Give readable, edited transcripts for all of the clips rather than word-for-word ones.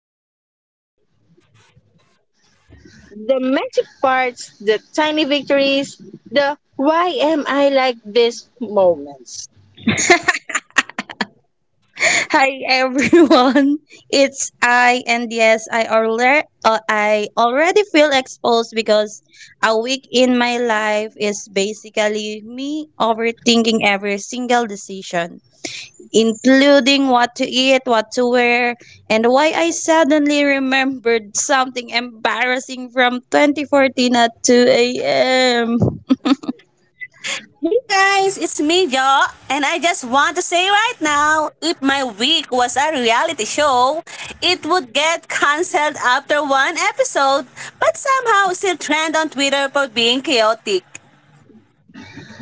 real. The magic parts, the tiny victories, the why am I like this moments. Hi everyone. It's I and yes, I already feel exposed because a week in my life is basically me overthinking every single decision, including what to eat, what to wear, and why I suddenly remembered something embarrassing from 2014 at 2 a.m. Hey guys, it's me, Jo, and I just want to say right now, if my week was a reality show, it would get cancelled after one episode, but somehow still trend on Twitter for being chaotic.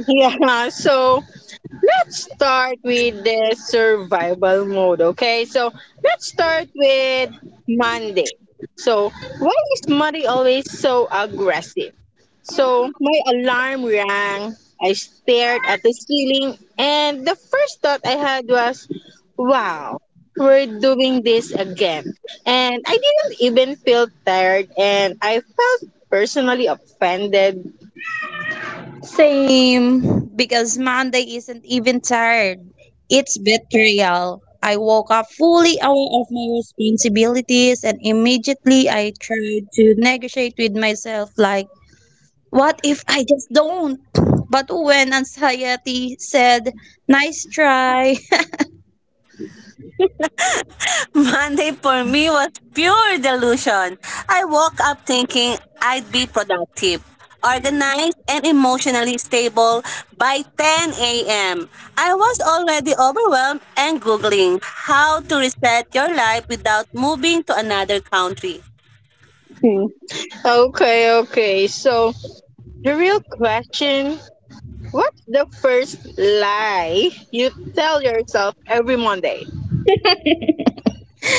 Yeah, so let's start with the survival mode, okay? So let's start with Monday. So, why is Monday always so aggressive? So, my alarm rang, I stared at the ceiling, and the first thought I had was, wow, we're doing this again. And I didn't even feel tired, and I felt personally offended. Same, because Monday isn't even tired. It's betrayal. I woke up fully aware of my responsibilities and immediately I tried to negotiate with myself like, what if I just don't? But when anxiety said, nice try, Monday for me was pure delusion. I woke up thinking I'd be productive, organized, and emotionally stable by 10 a.m. I was already overwhelmed and Googling how to reset your life without moving to another country. Okay, okay, so the real question: what's the first lie you tell yourself every Monday?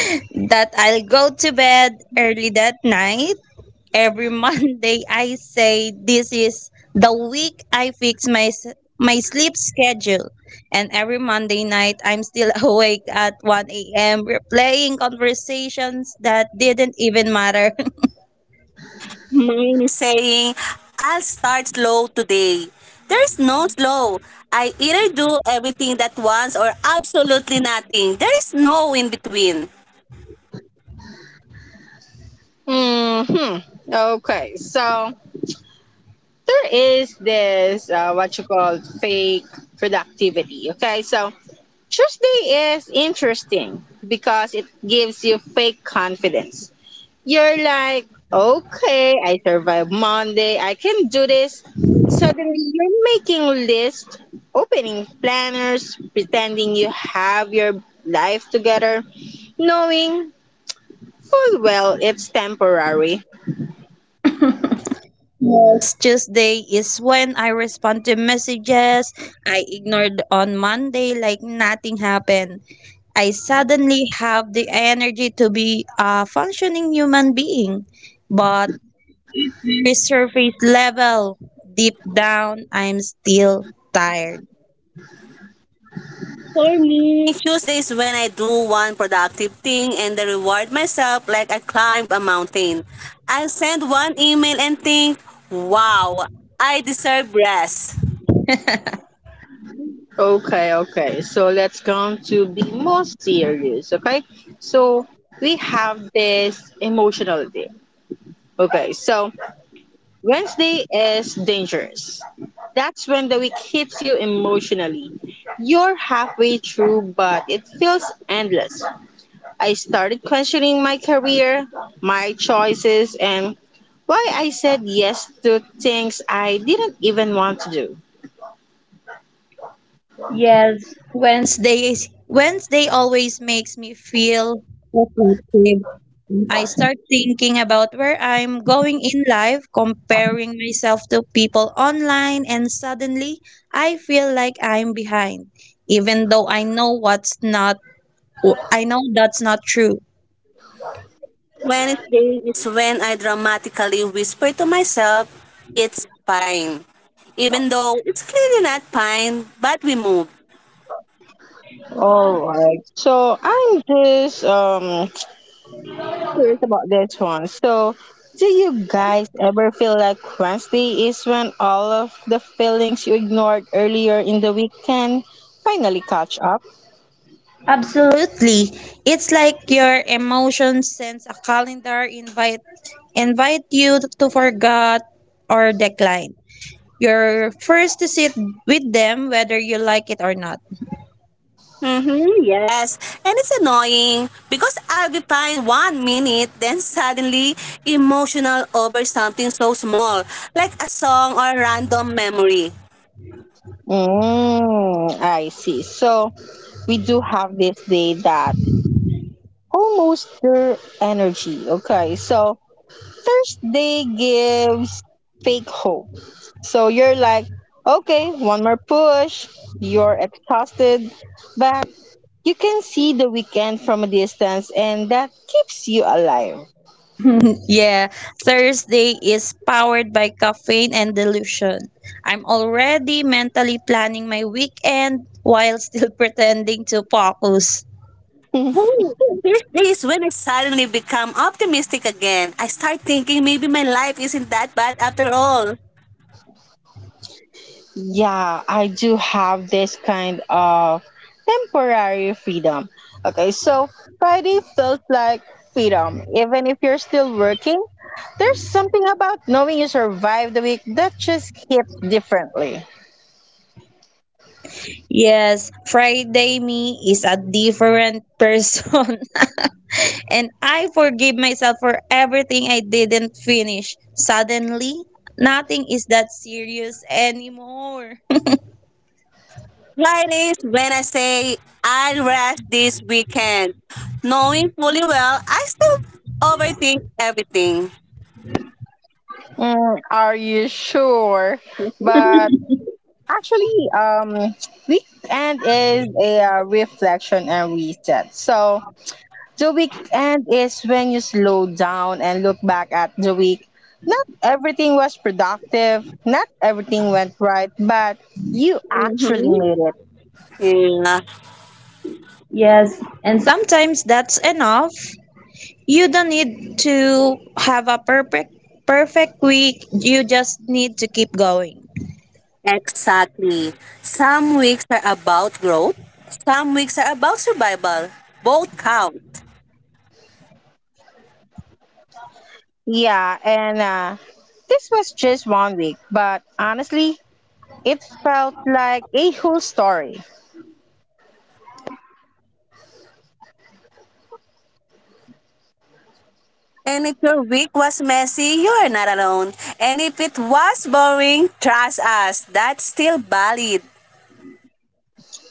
that I'll go to bed early that night. Every Monday, I say this is the week I fix my sleep schedule. And every Monday night, I'm still awake at 1 a.m. replaying conversations that didn't even matter. Mine is saying, I'll start slow today. There's no slow. I either do everything that once or absolutely nothing. There is no in between. hmm Okay, so there is this what you call fake productivity. Okay, so Tuesday is interesting because it gives you fake confidence. You're like, okay, I survived Monday, I can do this. Suddenly, you're making lists, opening planners, pretending you have your life together, knowing full well it's temporary. Next Tuesday is when I respond to messages I ignored on Monday like nothing happened. I suddenly have the energy to be a functioning human being. But resurface level. Deep down, I'm still tired. For me, Tuesdays when I do one productive thing and then reward myself like I climb a mountain. I send one email and think, wow, I deserve rest. Okay, okay. So let's come to be more serious, okay? So we have this emotional day. Okay, so Wednesday is dangerous. That's when the week hits you emotionally. You're halfway through, but it feels endless. I started questioning my career, my choices, and why I said yes to things I didn't even want to do. Yes, Wednesday always makes me feel reflective. I start thinking about where I'm going in life, comparing myself to people online, and suddenly I feel like I'm behind, even though I know that's not true. Wednesday is when I dramatically whisper to myself, it's fine. Even though it's clearly not fine, but we move. All right. So I'm just curious about this one. So, do you guys ever feel like Wednesday is when all of the feelings you ignored earlier in the week can finally catch up? Absolutely. It's like your emotions sends a calendar invite you to forget or decline. You're first to sit with them whether you like it or not. Mm-hmm, yes. And it's annoying because I'll be fine one minute, then suddenly emotional over something so small, like a song or a random memory. Mm, I see. So, we do have this day that almost their energy. Okay, so Thursday gives fake hope. So you're like, okay, one more push. You're exhausted, but you can see the weekend from a distance, and that keeps you alive. Yeah, Thursday is powered by caffeine and delusion. I'm already mentally planning my weekend while still pretending to focus. Oh, there's days when I suddenly become optimistic again. I start thinking maybe my life isn't that bad after all. Yeah, I do have this kind of temporary freedom. Okay, so Friday felt like freedom. Even if you're still working, there's something about knowing you survived the week that just hits differently. Yes, Friday me is a different person. And I forgive myself for everything I didn't finish. Suddenly, nothing is that serious anymore. Fridays when I say I'll rest this weekend, knowing fully well I still overthink everything. Mm, are you sure? But actually, weekend is a reflection and reset. So the weekend is when you slow down and look back at the week. Not everything was productive. Not everything went right, but you actually Mm-hmm. made it. Yeah. Yes, and sometimes that's enough. You don't need to have a perfect week. You just need to keep going. Exactly. Some weeks are about growth, some weeks are about survival. Both count. Yeah, and this was just one week, but honestly, it felt like a whole story. And if your week was messy, you are not alone. And if it was boring, trust us, that's still valid.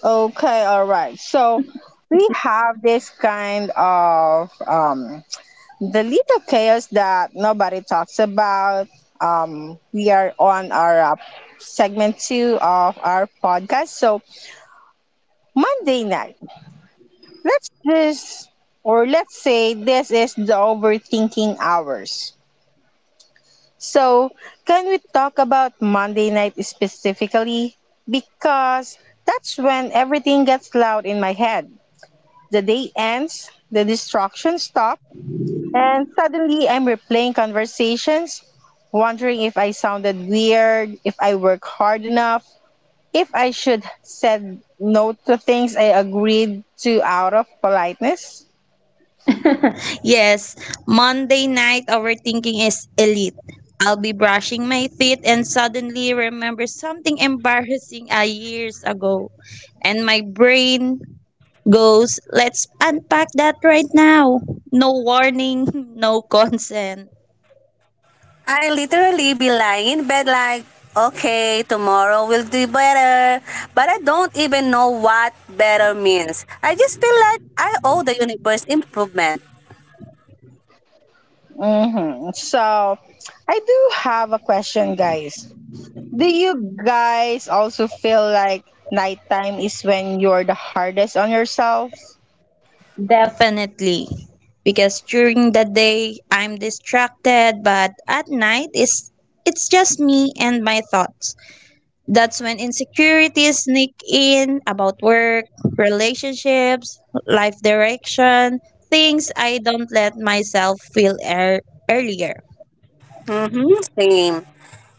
Okay, all right. So we have this kind of the little chaos that nobody talks about. We are on our segment two of our podcast. So Monday night, let's just or let's say this is the overthinking hours. So can we talk about Monday night specifically? Because that's when everything gets loud in my head. The day ends, the distractions stop, and suddenly I'm replaying conversations, wondering if I sounded weird, if I work hard enough, if I should said no to things I agreed to out of politeness. Yes, Monday night overthinking is elite. I'll be brushing my teeth and suddenly remember something embarrassing a years ago and my brain goes, let's unpack that right now. No warning, no consent. I literally be lying in bed like, okay, tomorrow will do better. But I don't even know what better means. I just feel like I owe the universe improvement. So I do have a question, guys. Do you guys also feel like nighttime is when you're the hardest on yourself? Definitely. Because during the day I'm distracted, but at night it's just me and my thoughts. That's when insecurities sneak in about work, relationships, life direction, things I don't let myself feel earlier. Mm-hmm, same.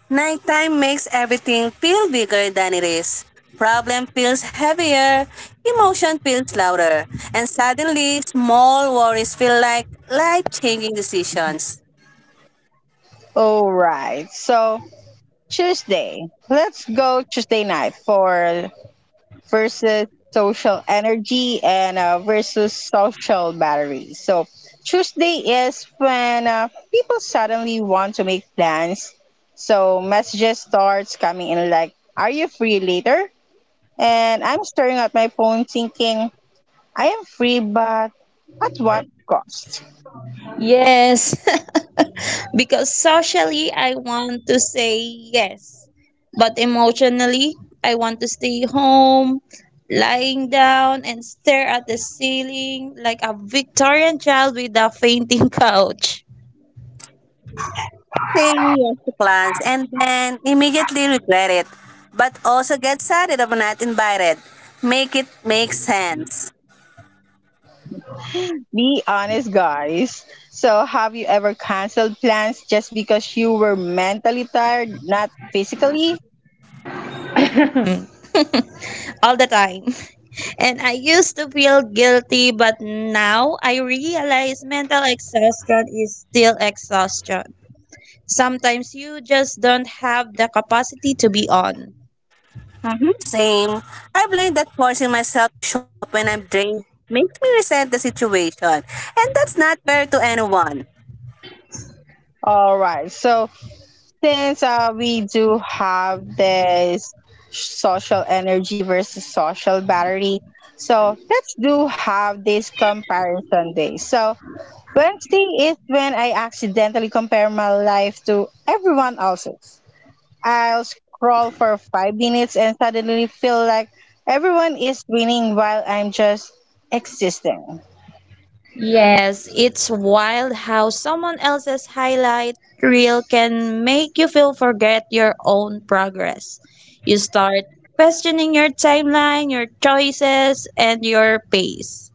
Nighttime makes everything feel bigger than it is. Problem feels heavier, emotion feels louder, and suddenly small worries feel like life changing decisions. All right. So Tuesday. Let's go Tuesday night for versus social energy and versus social battery. So Tuesday is when people suddenly want to make plans. So messages starts coming in like, "Are you free later?" And I'm staring at my phone thinking, "I am free, but at what cost?" Yes. Because socially, I want to say yes. But emotionally, I want to stay home, lying down, and stare at the ceiling like a Victorian child with a fainting couch Saying yes to plans and then immediately regret it, but also get sad if not invited. Make it make sense. Be honest, guys. So, have you ever canceled plans just because you were mentally tired, not physically? all the time. And I used to feel guilty, but now I realize mental exhaustion is still exhaustion. Sometimes you just don't have the capacity to be on. Mhm, same. I blame that forcing myself to show up when I'm drained just makes me resent the situation, and that's not fair to anyone. All right. So, since we do have this social energy versus social battery, so let's do have this comparison day. So, Wednesday is when I accidentally compare my life to everyone else's. I'll scroll for 5 minutes and suddenly feel like everyone is winning while I'm just existing. Yes, it's wild how someone else's highlight reel can make you feel forget your own progress. You start questioning your timeline, your choices, and your pace.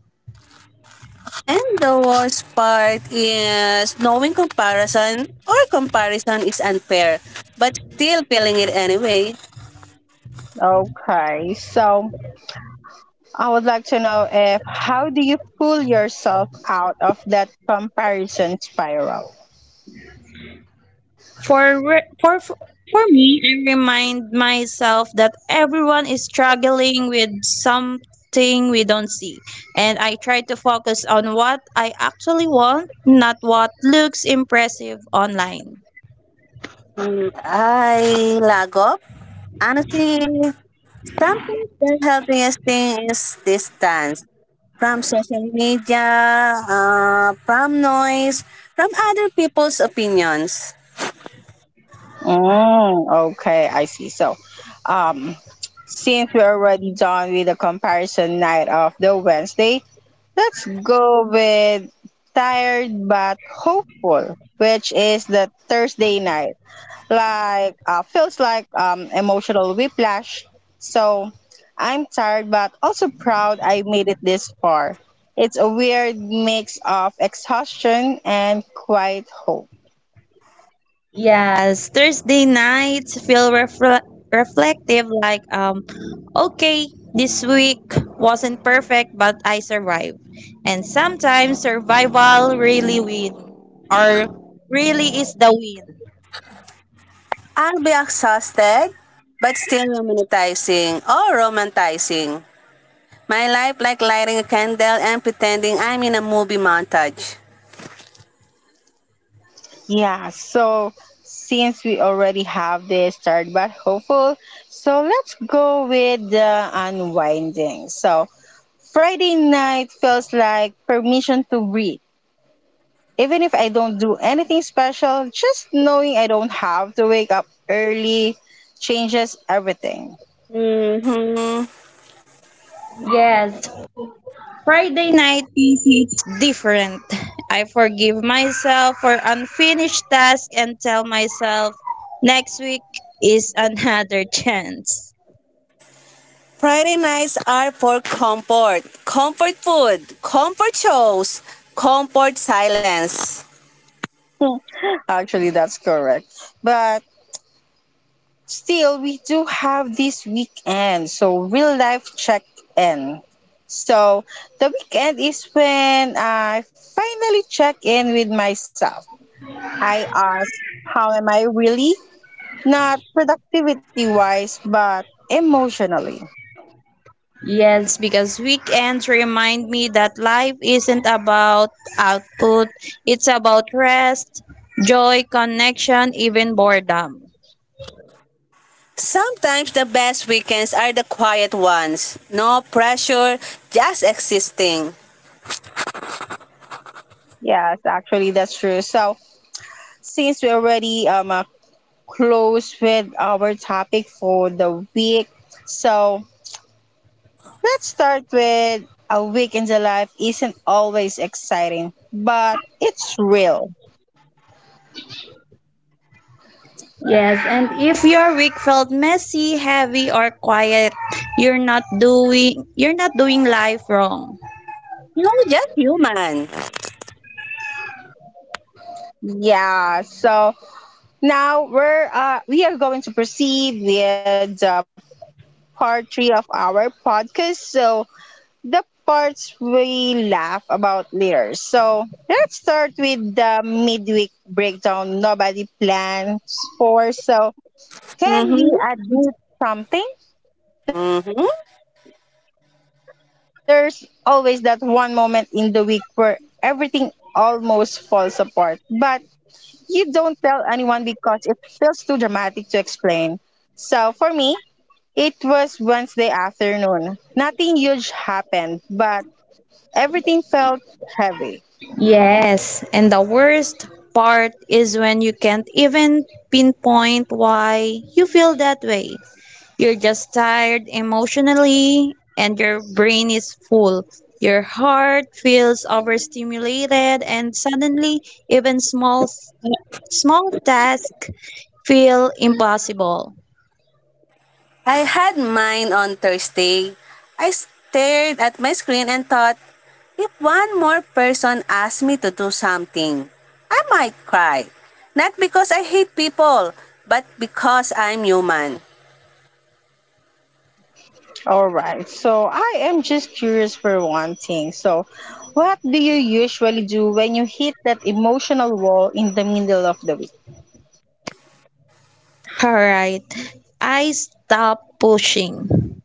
And the worst part is knowing comparison is unfair, but still feeling it anyway. Okay, so I would like to know if how do you pull yourself out of that comparison spiral? For re- for me, I remind myself that everyone is struggling with something we don't see, and I try to focus on what I actually want, not what looks impressive online. I lack of honestly something the healthiest thing is distance from social media, from noise, from other people's opinions. Mm, okay, I see. So, um, since we're already done with the comparison night of the Wednesday, let's go with tired but hopeful, which is the Thursday night. Like feels like emotional whiplash. So I'm tired, but also proud I made it this far. It's a weird mix of exhaustion and quiet hope. Yes, Thursday nights feel reflective, like okay, this week wasn't perfect but I survived. And sometimes survival or really is the win. I'll be exhausted, but still romanticizing. My life like lighting a candle and pretending I'm in a movie montage. Yeah, so since we already have this tired but hopeful, so let's go with the unwinding. So Friday night feels like permission to breathe. Even if I don't do anything special, just knowing I don't have to wake up early changes everything. hmm Yes, Friday night is different. I forgive myself for unfinished tasks and tell myself next week is another chance. Friday nights are for comfort, comfort food, comfort shows, comfort silence. Actually, that's correct. But still, we do have this weekend. So, real life check in. So, the weekend is when I finally check in with myself. I ask, how am I really? Not productivity wise, but emotionally. Yes, because weekends remind me that life isn't about output, it's about rest, joy, connection, even boredom. Sometimes the best weekends are the quiet ones. No pressure, just existing. Yes, actually, that's true. So, since we already close with our topic for the week, so let's start with a week in the life isn't always exciting, but it's real. Yes, and if your week felt messy, heavy or quiet, you're not doing life wrong. You know, just human. Yeah. So now we're we are going to proceed with the part three of our podcast. So the parts we laugh about later. So let's start with the midweek breakdown nobody plans for. So Mm-hmm. can we admit something? Mm-hmm. There's always that one moment in the week where everything almost falls apart, but you don't tell anyone because it feels too dramatic to explain. So for me, it was Wednesday afternoon. Nothing huge happened, but everything felt heavy. Yes, and the worst part is when you can't even pinpoint why you feel that way. You're just tired emotionally, and your brain is full. Your heart feels overstimulated, and suddenly, even small tasks feel impossible. I had mine on Thursday. I stared at my screen and thought, if one more person asked me to do something, I might cry. Not because I hate people, but because I'm human. All right. So I am just curious for one thing. So, what do you usually do when you hit that emotional wall in the middle of the week? All right, I stopped pushing.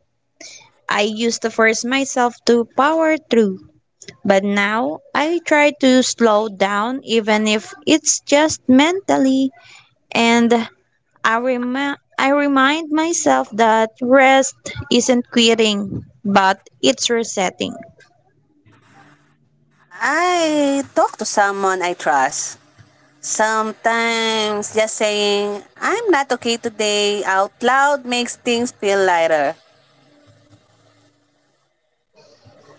I used to force myself to power through, but now I try to slow down, even if it's just mentally. And I remind myself that rest isn't quitting, but it's resetting. I talk to someone I trust. Sometimes just saying, I'm not okay today out loud makes things feel lighter.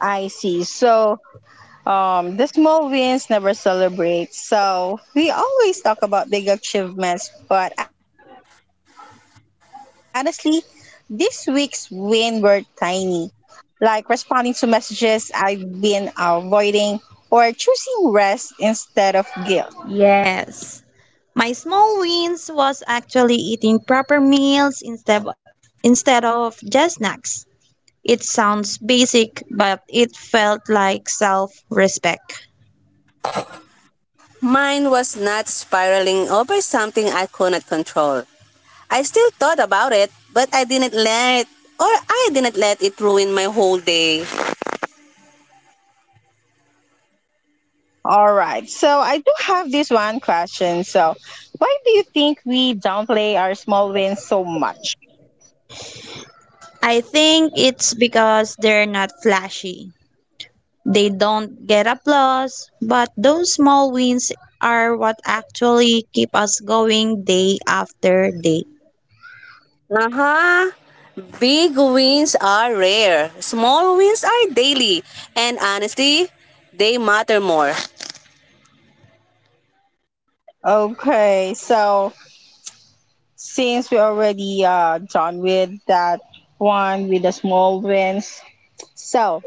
I see. So, the small wins never celebrate. So, we always talk about big achievements, but honestly, this week's win were tiny. Like responding to messages I've been avoiding or choosing rest instead of guilt. Yes. My small wins was actually eating proper meals instead of just snacks. It sounds basic, but it felt like self-respect. Mine was not spiraling over something I could not control. I still thought about it, but I didn't let it ruin my whole day. All right. So, I do have this one question. So, why do you think we downplay our small wins so much? I think it's because they're not flashy. They don't get applause, but those small wins are what actually keep us going day after day. Aha! Big wins are rare. Small wins are daily. And honestly, they matter more. Okay. So, since we already done with that one with the small wins, so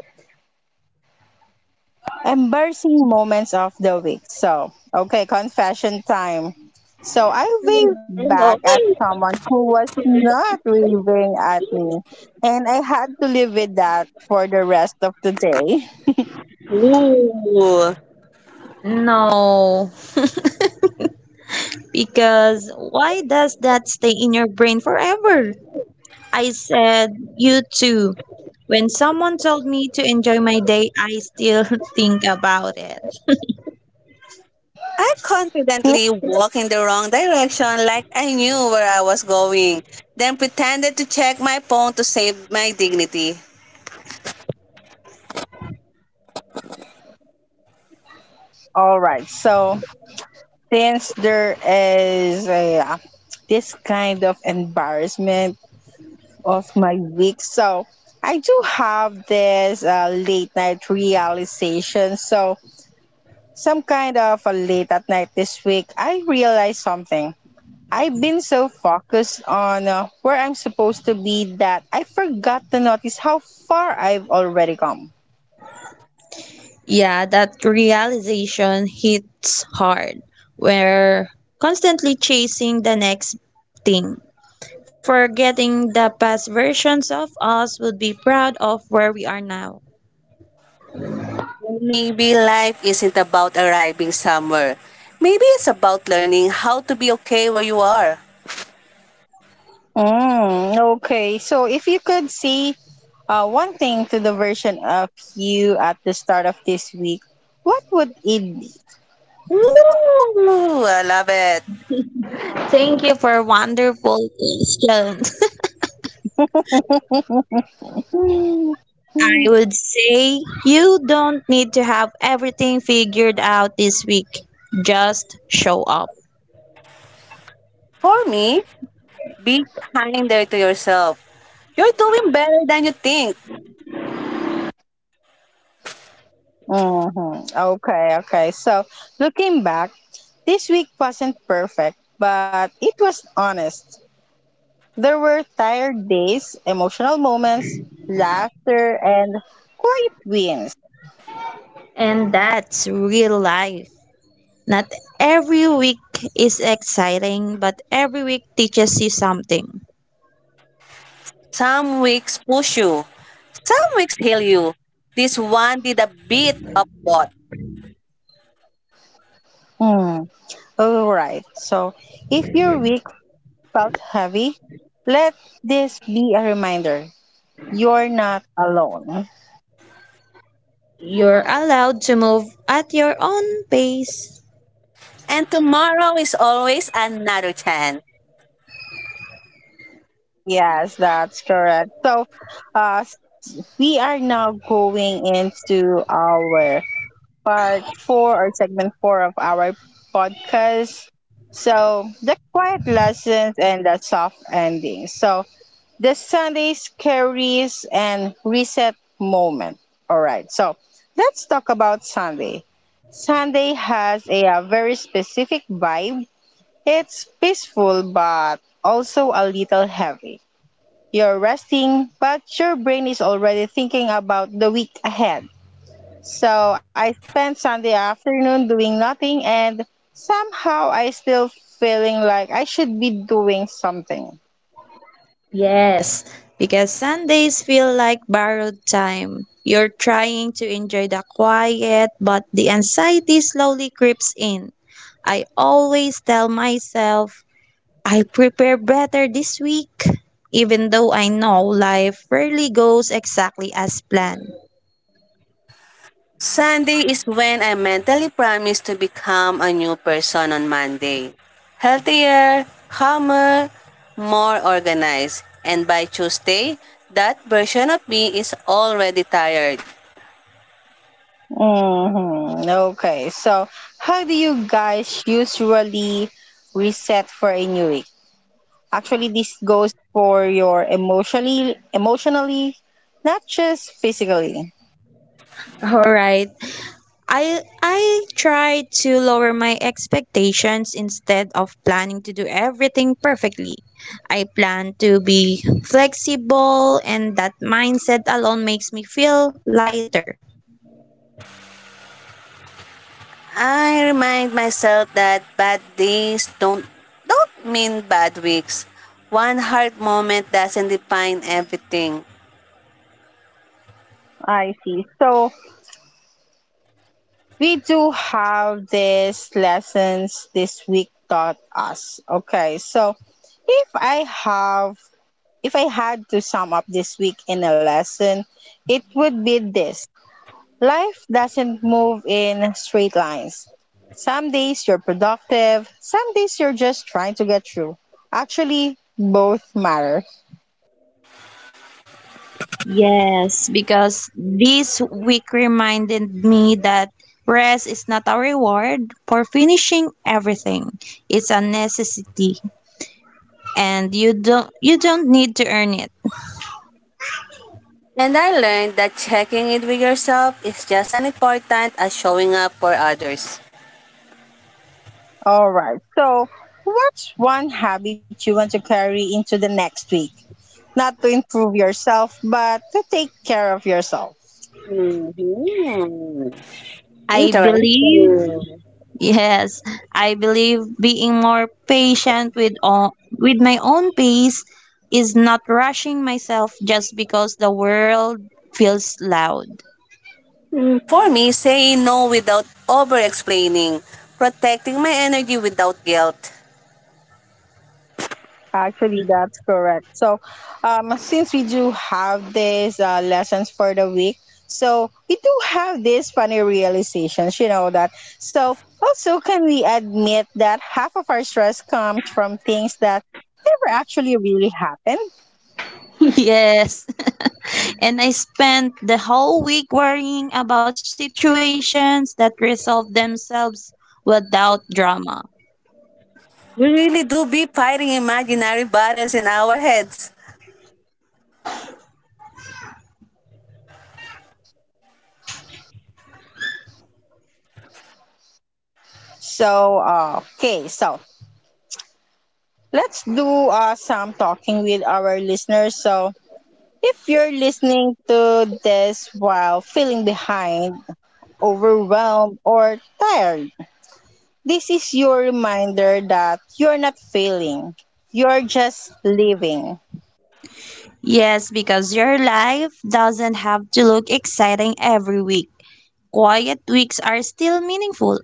embarrassing moments of the week. So okay, confession time. So I waved back at someone who was not waving at me, and I had to live with that for the rest of the day. Ooh. No, because why does that stay in your brain forever? I said, you too, when someone told me to enjoy my day. I still think about it. I confidently walked in the wrong direction like I knew where I was going, then pretended to check my phone to save my dignity. All right. So since there is this kind of embarrassment of my week. So I do have this late night realization. So some kind of a late at night this week, I realized something. I've been so focused on where I'm supposed to be that I forgot to notice how far I've already come. Yeah, that realization hits hard. We're constantly chasing the next thing, forgetting the past versions of us would be proud of where we are now. Maybe life isn't about arriving somewhere. Maybe it's about learning how to be okay where you are. Mm, okay, so if you could say one thing to the version of you at the start of this week, what would it Ooh, I love it. Thank you for wonderful question. be? I would say you don't need to have everything figured out this week. Just show up. For me, be kinder to yourself. You're doing better than you think. Okay, okay. So looking back, this week wasn't perfect, but it was honest. There were tired days, emotional moments, laughter, and quiet wins. And that's real life. Not every week is exciting, but every week teaches you something. Some weeks push you, some weeks heal you. This one did a bit of both. Hmm. All right. So if your week felt heavy, let this be a reminder. You're not alone. You're allowed to move at your own pace. And tomorrow is always another chance. Yes, that's correct. So, uh, we are now going into our part four or segment four of our podcast. So, the quiet lessons and the soft ending. So, the Sunday's carries and reset moment. All right. So, let's talk about Sunday. Sunday has a, very specific vibe. It's peaceful, but also a little heavy. You're resting, but your brain is already thinking about the week ahead. So I spent Sunday afternoon doing nothing and somehow I still feeling like I should be doing something. Yes, because Sundays feel like borrowed time. You're trying to enjoy the quiet, but the anxiety slowly creeps in. I always tell myself, I prepare better this week, even though I know life rarely goes exactly as planned. Sunday is when I mentally promise to become a new person on Monday. Healthier, calmer, more organized. And by Tuesday, that version of me is already tired. hmm Okay. So how do you guys usually reset for a new week? Actually this goes for your emotionally, not just physically. All right, I try to lower my expectations. Instead of planning to do everything perfectly, I plan to be flexible, and that mindset alone makes me feel lighter. I remind myself that bad days don't mean bad weeks. One hard moment doesn't define everything. I see. So we do have these lessons this week taught us. Okay, so if I have, if I had to sum up this week in a lesson, it would be this: life doesn't move in straight lines. Some days you're productive, some days you're just trying to get through. Actually, both matter. Yes, because this week reminded me that rest is not a reward for finishing everything. It's a necessity, and you don't need to earn it. And I learned that checking in with yourself is just as important as showing up for others. All right, so what's one habit you want to carry into the next week? Not to improve yourself, but to take care of yourself. Mhm. I believe Interesting. Yes, I believe being more patient with my own pace, is not rushing myself just because the world feels loud. For me, saying no without over explaining, protecting my energy without guilt. Actually, that's correct. So, since we do have these lessons for the week, so we do have these funny realizations, you know that. So, also, can we admit that half of our stress comes from things that never actually really happened? Yes. And I spent the whole week worrying about situations that resolve themselves without drama. We really do be fighting imaginary battles in our heads. So, okay, so let's do some talking with our listeners. So, if you're listening to this while feeling behind, overwhelmed, or tired, this is your reminder that you're not failing, you're just living. Yes, because your life doesn't have to look exciting every week. Quiet weeks are still meaningful.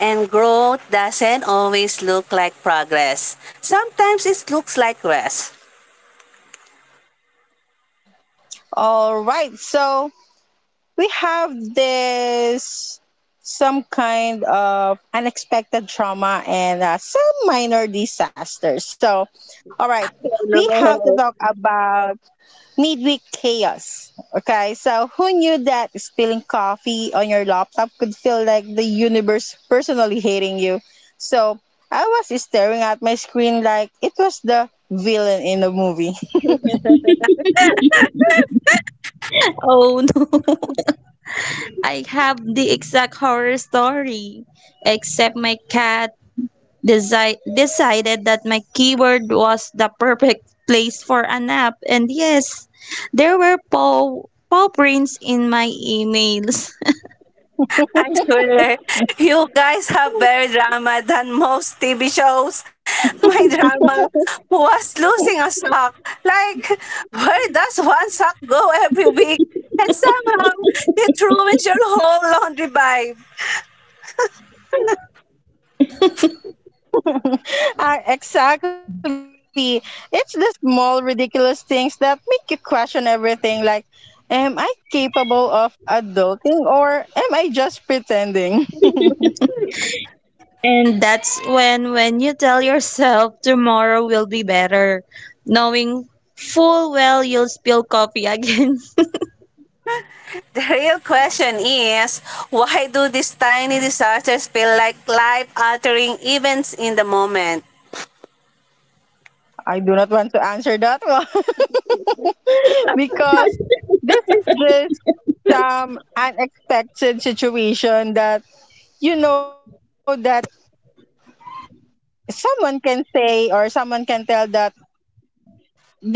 And growth doesn't always look like progress. Sometimes it looks like rest. All right, so we have this some kind of unexpected trauma and some minor disasters. So, all right, Oh, we have to no. talk about midweek chaos. Okay, so who knew that spilling coffee on your laptop could feel like the universe personally hating you? So I was staring at my screen like it was the villain in a movie. Oh no. I have the exact horror story, except my cat decided that my keyboard was the perfect place for a nap. And yes, there were paw prints in my emails. I swear, you guys have better drama than most TV shows. My drama was losing a sock. Like, where does one sock go every week? And somehow, it ruins your whole laundry vibe. Ah, exactly. It's the small, ridiculous things that make you question everything, like am I capable of adulting or am I just pretending? And that's when you tell yourself tomorrow will be better, knowing full well you'll spill coffee again. The real question is, why do these tiny disasters feel like life-altering events in the moment? I do not want to answer that one because this is just some unexpected situation that you know that someone can say or someone can tell that they ruined your day.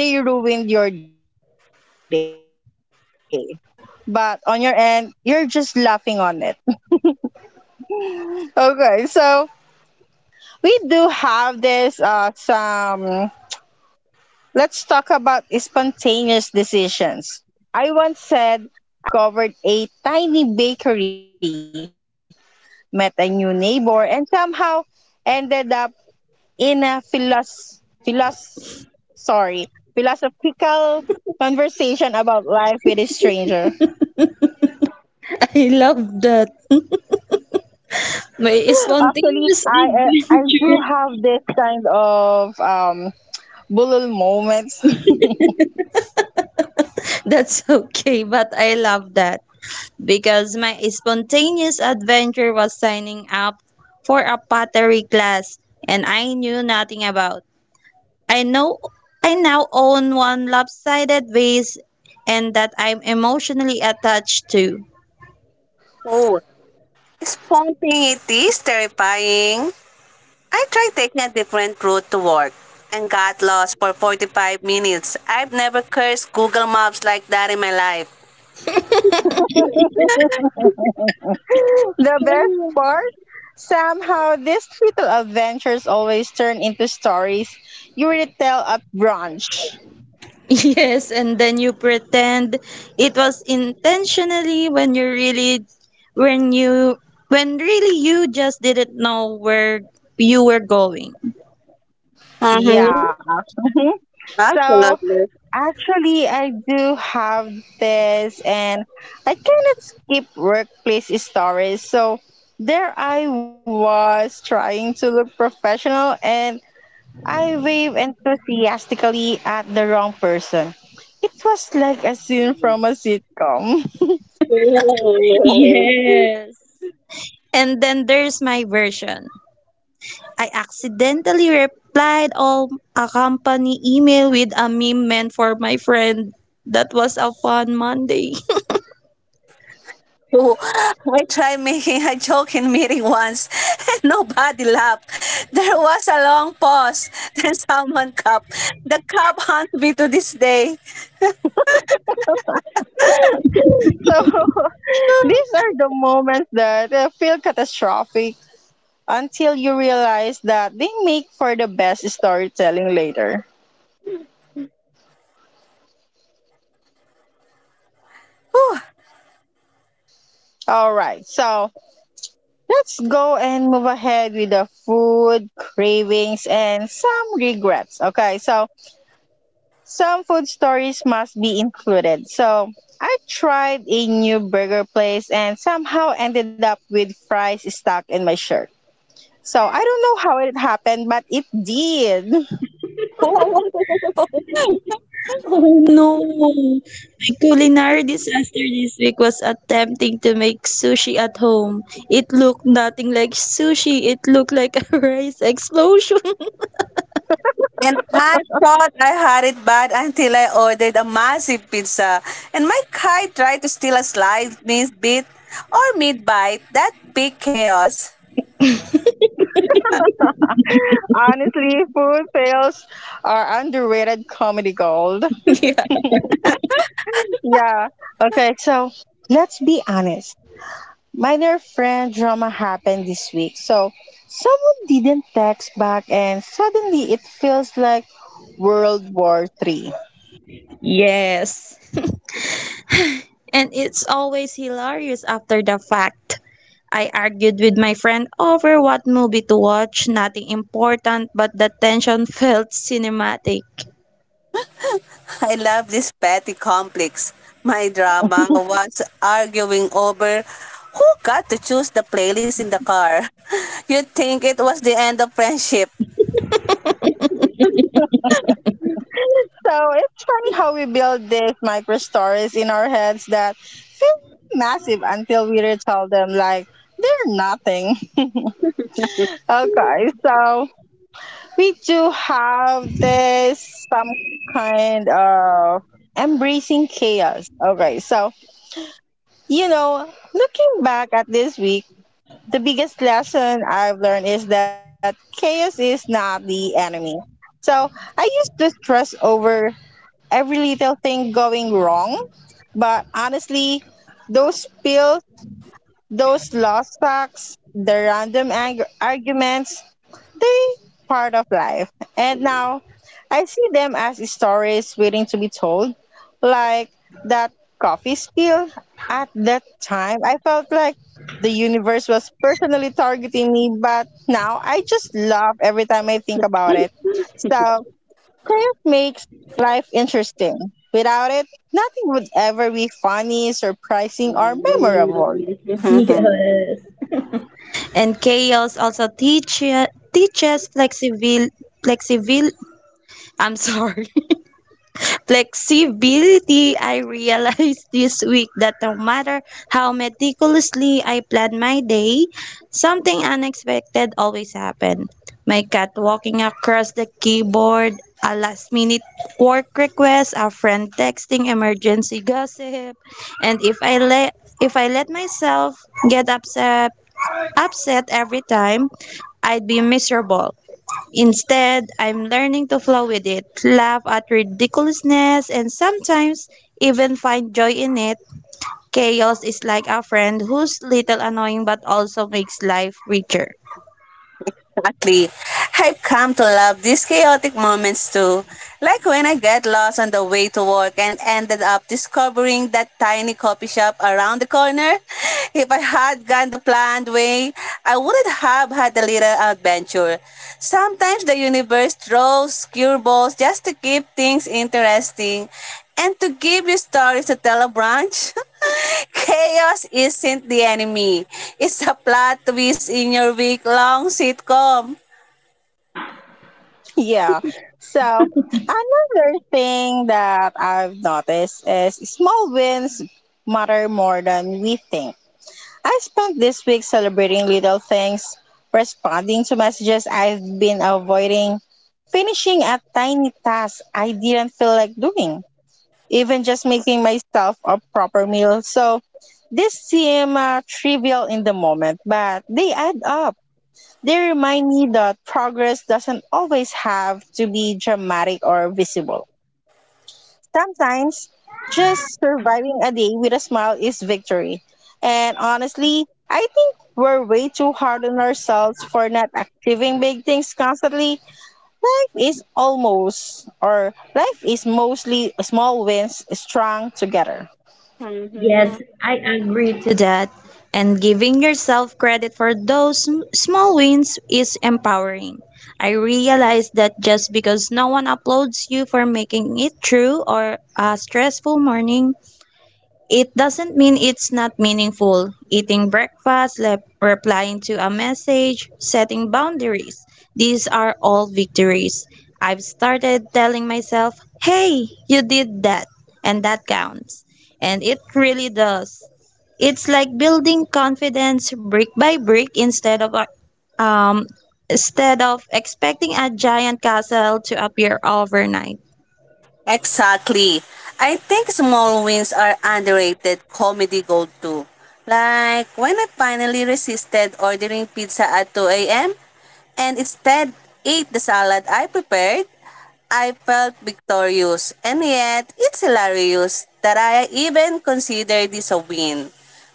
But on your end, you're just laughing on it. Okay. we do have this some Let's talk about spontaneous decisions. I once said I'll just walk to the store, and 3 hours later I had discovered a tiny bakery, met a new neighbor, and somehow ended up in a sorry, philosophical conversation about life with a stranger. I love that. My Actually, spontaneous I do adventure. have this kind of bullet moments. That's okay, but I love that, because my spontaneous adventure was signing up for a pottery class and I knew nothing about. I know I now own one lopsided vase and that I'm emotionally attached to. Oh, spontaneity is terrifying. I tried taking a different route to work and got lost for 45 minutes. I've never cursed Google Maps like that in my life. The best part, somehow these little adventures always turn into stories you retell at brunch. Yes, and then you pretend it was intentionally when you really, when you when really you just didn't know where you were going. Mm-hmm. Yeah. So Absolutely. actually, I do have this, and I cannot skip workplace stories. So there I was trying to look professional, and I waved enthusiastically at the wrong person. It was like a scene from a sitcom. Yes. And then there's my version. I accidentally replied all a company email with a meme meant for my friend. That was a fun Monday. I tried making a joke in meeting once and nobody laughed. There was a long pause, then someone coughed. The cop haunts me to this day. So these are the moments that feel catastrophic until you realize that they make for the best storytelling later. Whew. All right, so let's go and move ahead with the food cravings and some regrets. Okay, so some food stories must be included. So I tried a new burger place and somehow ended up with fries stuck in my shirt. So I don't know how it happened, but it did. Oh no! My culinary disaster this week was attempting to make sushi at home. It looked nothing like sushi, it looked like a rice explosion. And I thought I had it bad until I ordered a massive pizza. And my kite tried to steal a slice, miss bit, or mid bite. That big chaos. Honestly, food fails are underrated comedy gold. Yeah. Yeah. Okay, so let's be honest. Minor friend drama happened this week. So someone didn't text back and suddenly it feels like World War III. Yes. And it's always hilarious after the fact. I argued with my friend over what movie to watch, nothing important, but the tension felt cinematic. I love this petty complex. My drama was arguing over who got to choose the playlist in the car. You'd think it was the end of friendship. So it's funny how we build these micro stories in our heads that feel massive until we retell them like they're nothing. Okay, so we do have this some kind of embracing chaos. Okay, so you know, looking back at this week, the biggest lesson I've learned is that chaos is not the enemy. So I used to stress over every little thing going wrong, but honestly, those spills, those lost socks, the random arguments, they part of life. And now I see them as stories waiting to be told, like that coffee spill. At that time, I felt like the universe was personally targeting me, but now I just laugh every time I think about it. So chaos makes life interesting. Without it, nothing would ever be funny, surprising, or memorable. Yes. And chaos also teach, teaches flexibil, flexibil, I'm sorry, flexibility, I realized this week that no matter how meticulously I plan my day, something unexpected always happened. My cat walking across the keyboard, a last minute work request, a friend texting emergency gossip, and if I let myself get upset every time, I'd be miserable. Instead, I'm learning to flow with it, laugh at ridiculousness, and sometimes even find joy in it. Chaos is like a friend who's little annoying but also makes life richer. Exactly. I've come to love these chaotic moments too. Like when I get lost on the way to work and ended up discovering that tiny coffee shop around the corner. If I had gone the planned way, I wouldn't have had a little adventure. Sometimes the universe throws curveballs just to keep things interesting and to give you stories to tell a branch. Chaos isn't the enemy. It's a plot twist in your week-long sitcom. Yeah. So another thing that I've noticed is small wins matter more than we think. I spent this week celebrating little things, responding to messages I've been avoiding, finishing a tiny task I didn't feel like doing, even just making myself a proper meal. So these seem trivial in the moment, but they add up. They remind me that progress doesn't always have to be dramatic or visible. Sometimes, just surviving a day with a smile is victory. And honestly, I think we're way too hard on ourselves for not achieving big things constantly. Life is almost, or life is mostly small wins strung together. Yes, Mhm. I agree to that. And giving yourself credit for those small wins is empowering. I realize that just because no one applauds you for making it through or a stressful morning, it doesn't mean it's not meaningful. Eating breakfast, replying to a message, setting boundaries. These are all victories. I've started telling myself, hey, you did that, and that counts. And it really does. It's like building confidence brick by brick um, instead of expecting a giant castle to appear overnight. Exactly. I think small wins are underrated comedy gold too. Like when I finally resisted ordering pizza at 2 a.m. and instead ate the salad I prepared, I felt victorious. And yet, it's hilarious that I even consider this a win.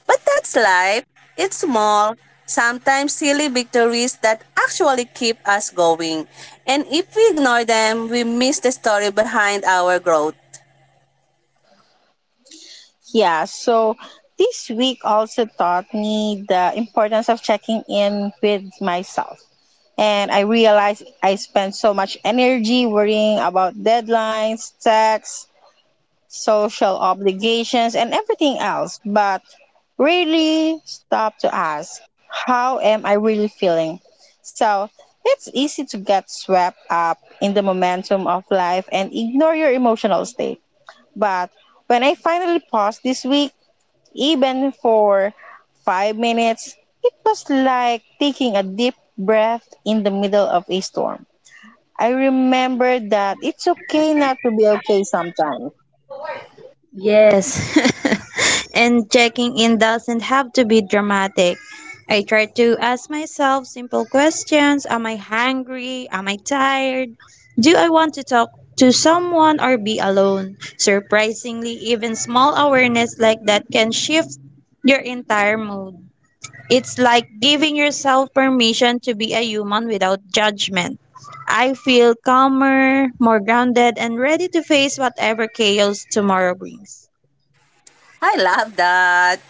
But that's life. It's small, sometimes silly victories that actually keep us going. And if we ignore them, we miss the story behind our growth. Yeah, so this week also taught me the importance of checking in with myself. And I realized I spent so much energy worrying about deadlines, tax, social obligations, and everything else, but really, stopped to ask, how am I really feeling? So it's easy to get swept up in the momentum of life and ignore your emotional state. But when I finally paused this week, even for 5 minutes, it was like taking a deep breath in the middle of a storm. I remember that it's okay not to be okay sometimes. Yes, and checking in doesn't have to be dramatic. I try to ask myself simple questions. Am I hungry? Am I tired? Do I want to talk to someone or be alone? Surprisingly, even small awareness like that can shift your entire mood. It's like giving yourself permission to be a human without judgment. I feel calmer, more grounded, and ready to face whatever chaos tomorrow brings. I love that.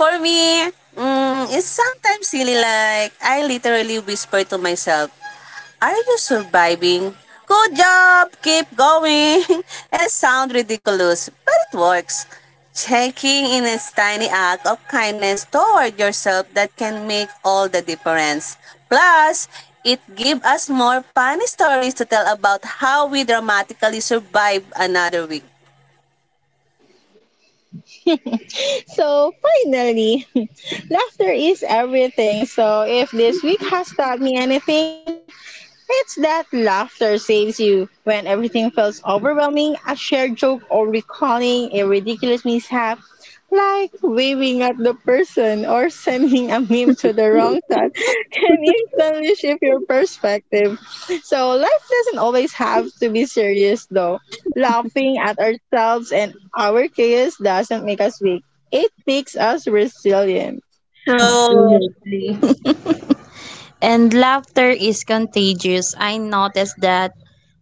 For me, it's sometimes silly like I literally whisper to myself, are you surviving? Good job! Keep going! And it sounds ridiculous, but it works. Checking in a tiny act of kindness toward yourself that can make all the difference. Plus, it gives us more funny stories to tell about how we dramatically survive another week. So finally, laughter is everything. So if this week has taught me anything, it's that laughter saves you when everything feels overwhelming. A shared joke or recalling a ridiculous mishap, like waving at the person or sending a meme to the wrong side, can instantly shift your perspective. So life doesn't always have to be serious though. Laughing at ourselves and our chaos doesn't make us weak. It makes us resilient. So, Absolutely. And laughter is contagious. I noticed that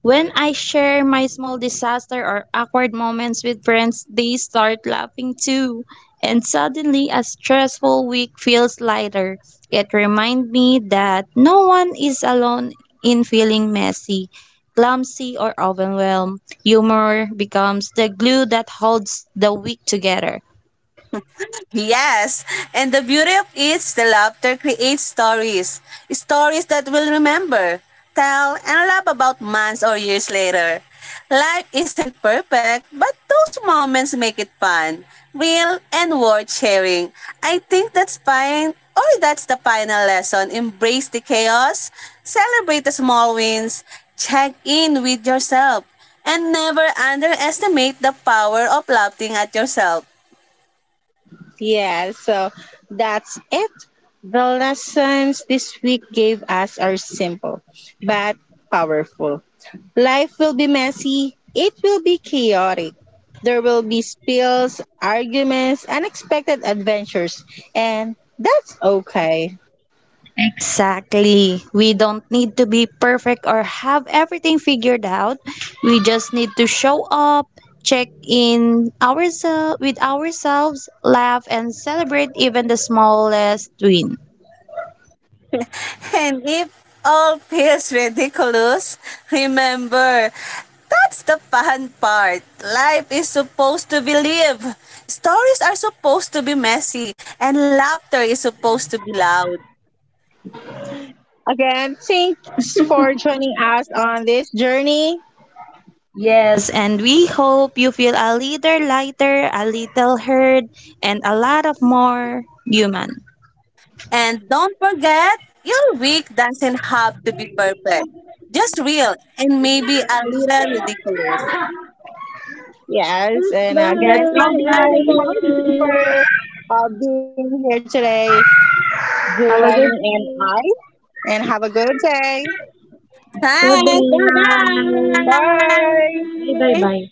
when I share my small disaster or awkward moments with friends, they start laughing too. And suddenly, a stressful week feels lighter. It reminds me that no one is alone in feeling messy, clumsy, or overwhelmed. Humor becomes the glue that holds the week together. yes, and the beauty of it is the laughter creates stories. Stories that we'll remember, tell, and laugh about months or years later. Life isn't perfect, but those moments make it fun, real, and worth sharing. I think that's fine, or that's the final lesson. Embrace the chaos, celebrate the small wins, check in with yourself, and never underestimate the power of laughing at yourself. Yeah, so that's it. The lessons this week gave us are simple but powerful. Life will be messy, it will be chaotic. There will be spills, arguments, unexpected adventures, and that's okay. Exactly. We don't need to be perfect or have everything figured out. We just need to show up, check in ourselves with ourselves, laugh and celebrate even the smallest win. And if all feels ridiculous, remember, that's the fun part. Life is supposed to be lived. Stories are supposed to be messy, and laughter is supposed to be loud. Again, thanks for joining us on this journey. Yes, and we hope you feel a little lighter, a little heard, and a lot of more human. And don't forget, your week doesn't have to be perfect. Just real and maybe a little ridiculous. Yes, and again, thank That's all, you Bye, so guys. much everyone. for being here today, Have a Giovanni good and I. And have a good day. day. Thanks. Bye Goodbye. Bye. Bye bye bye bye. bye.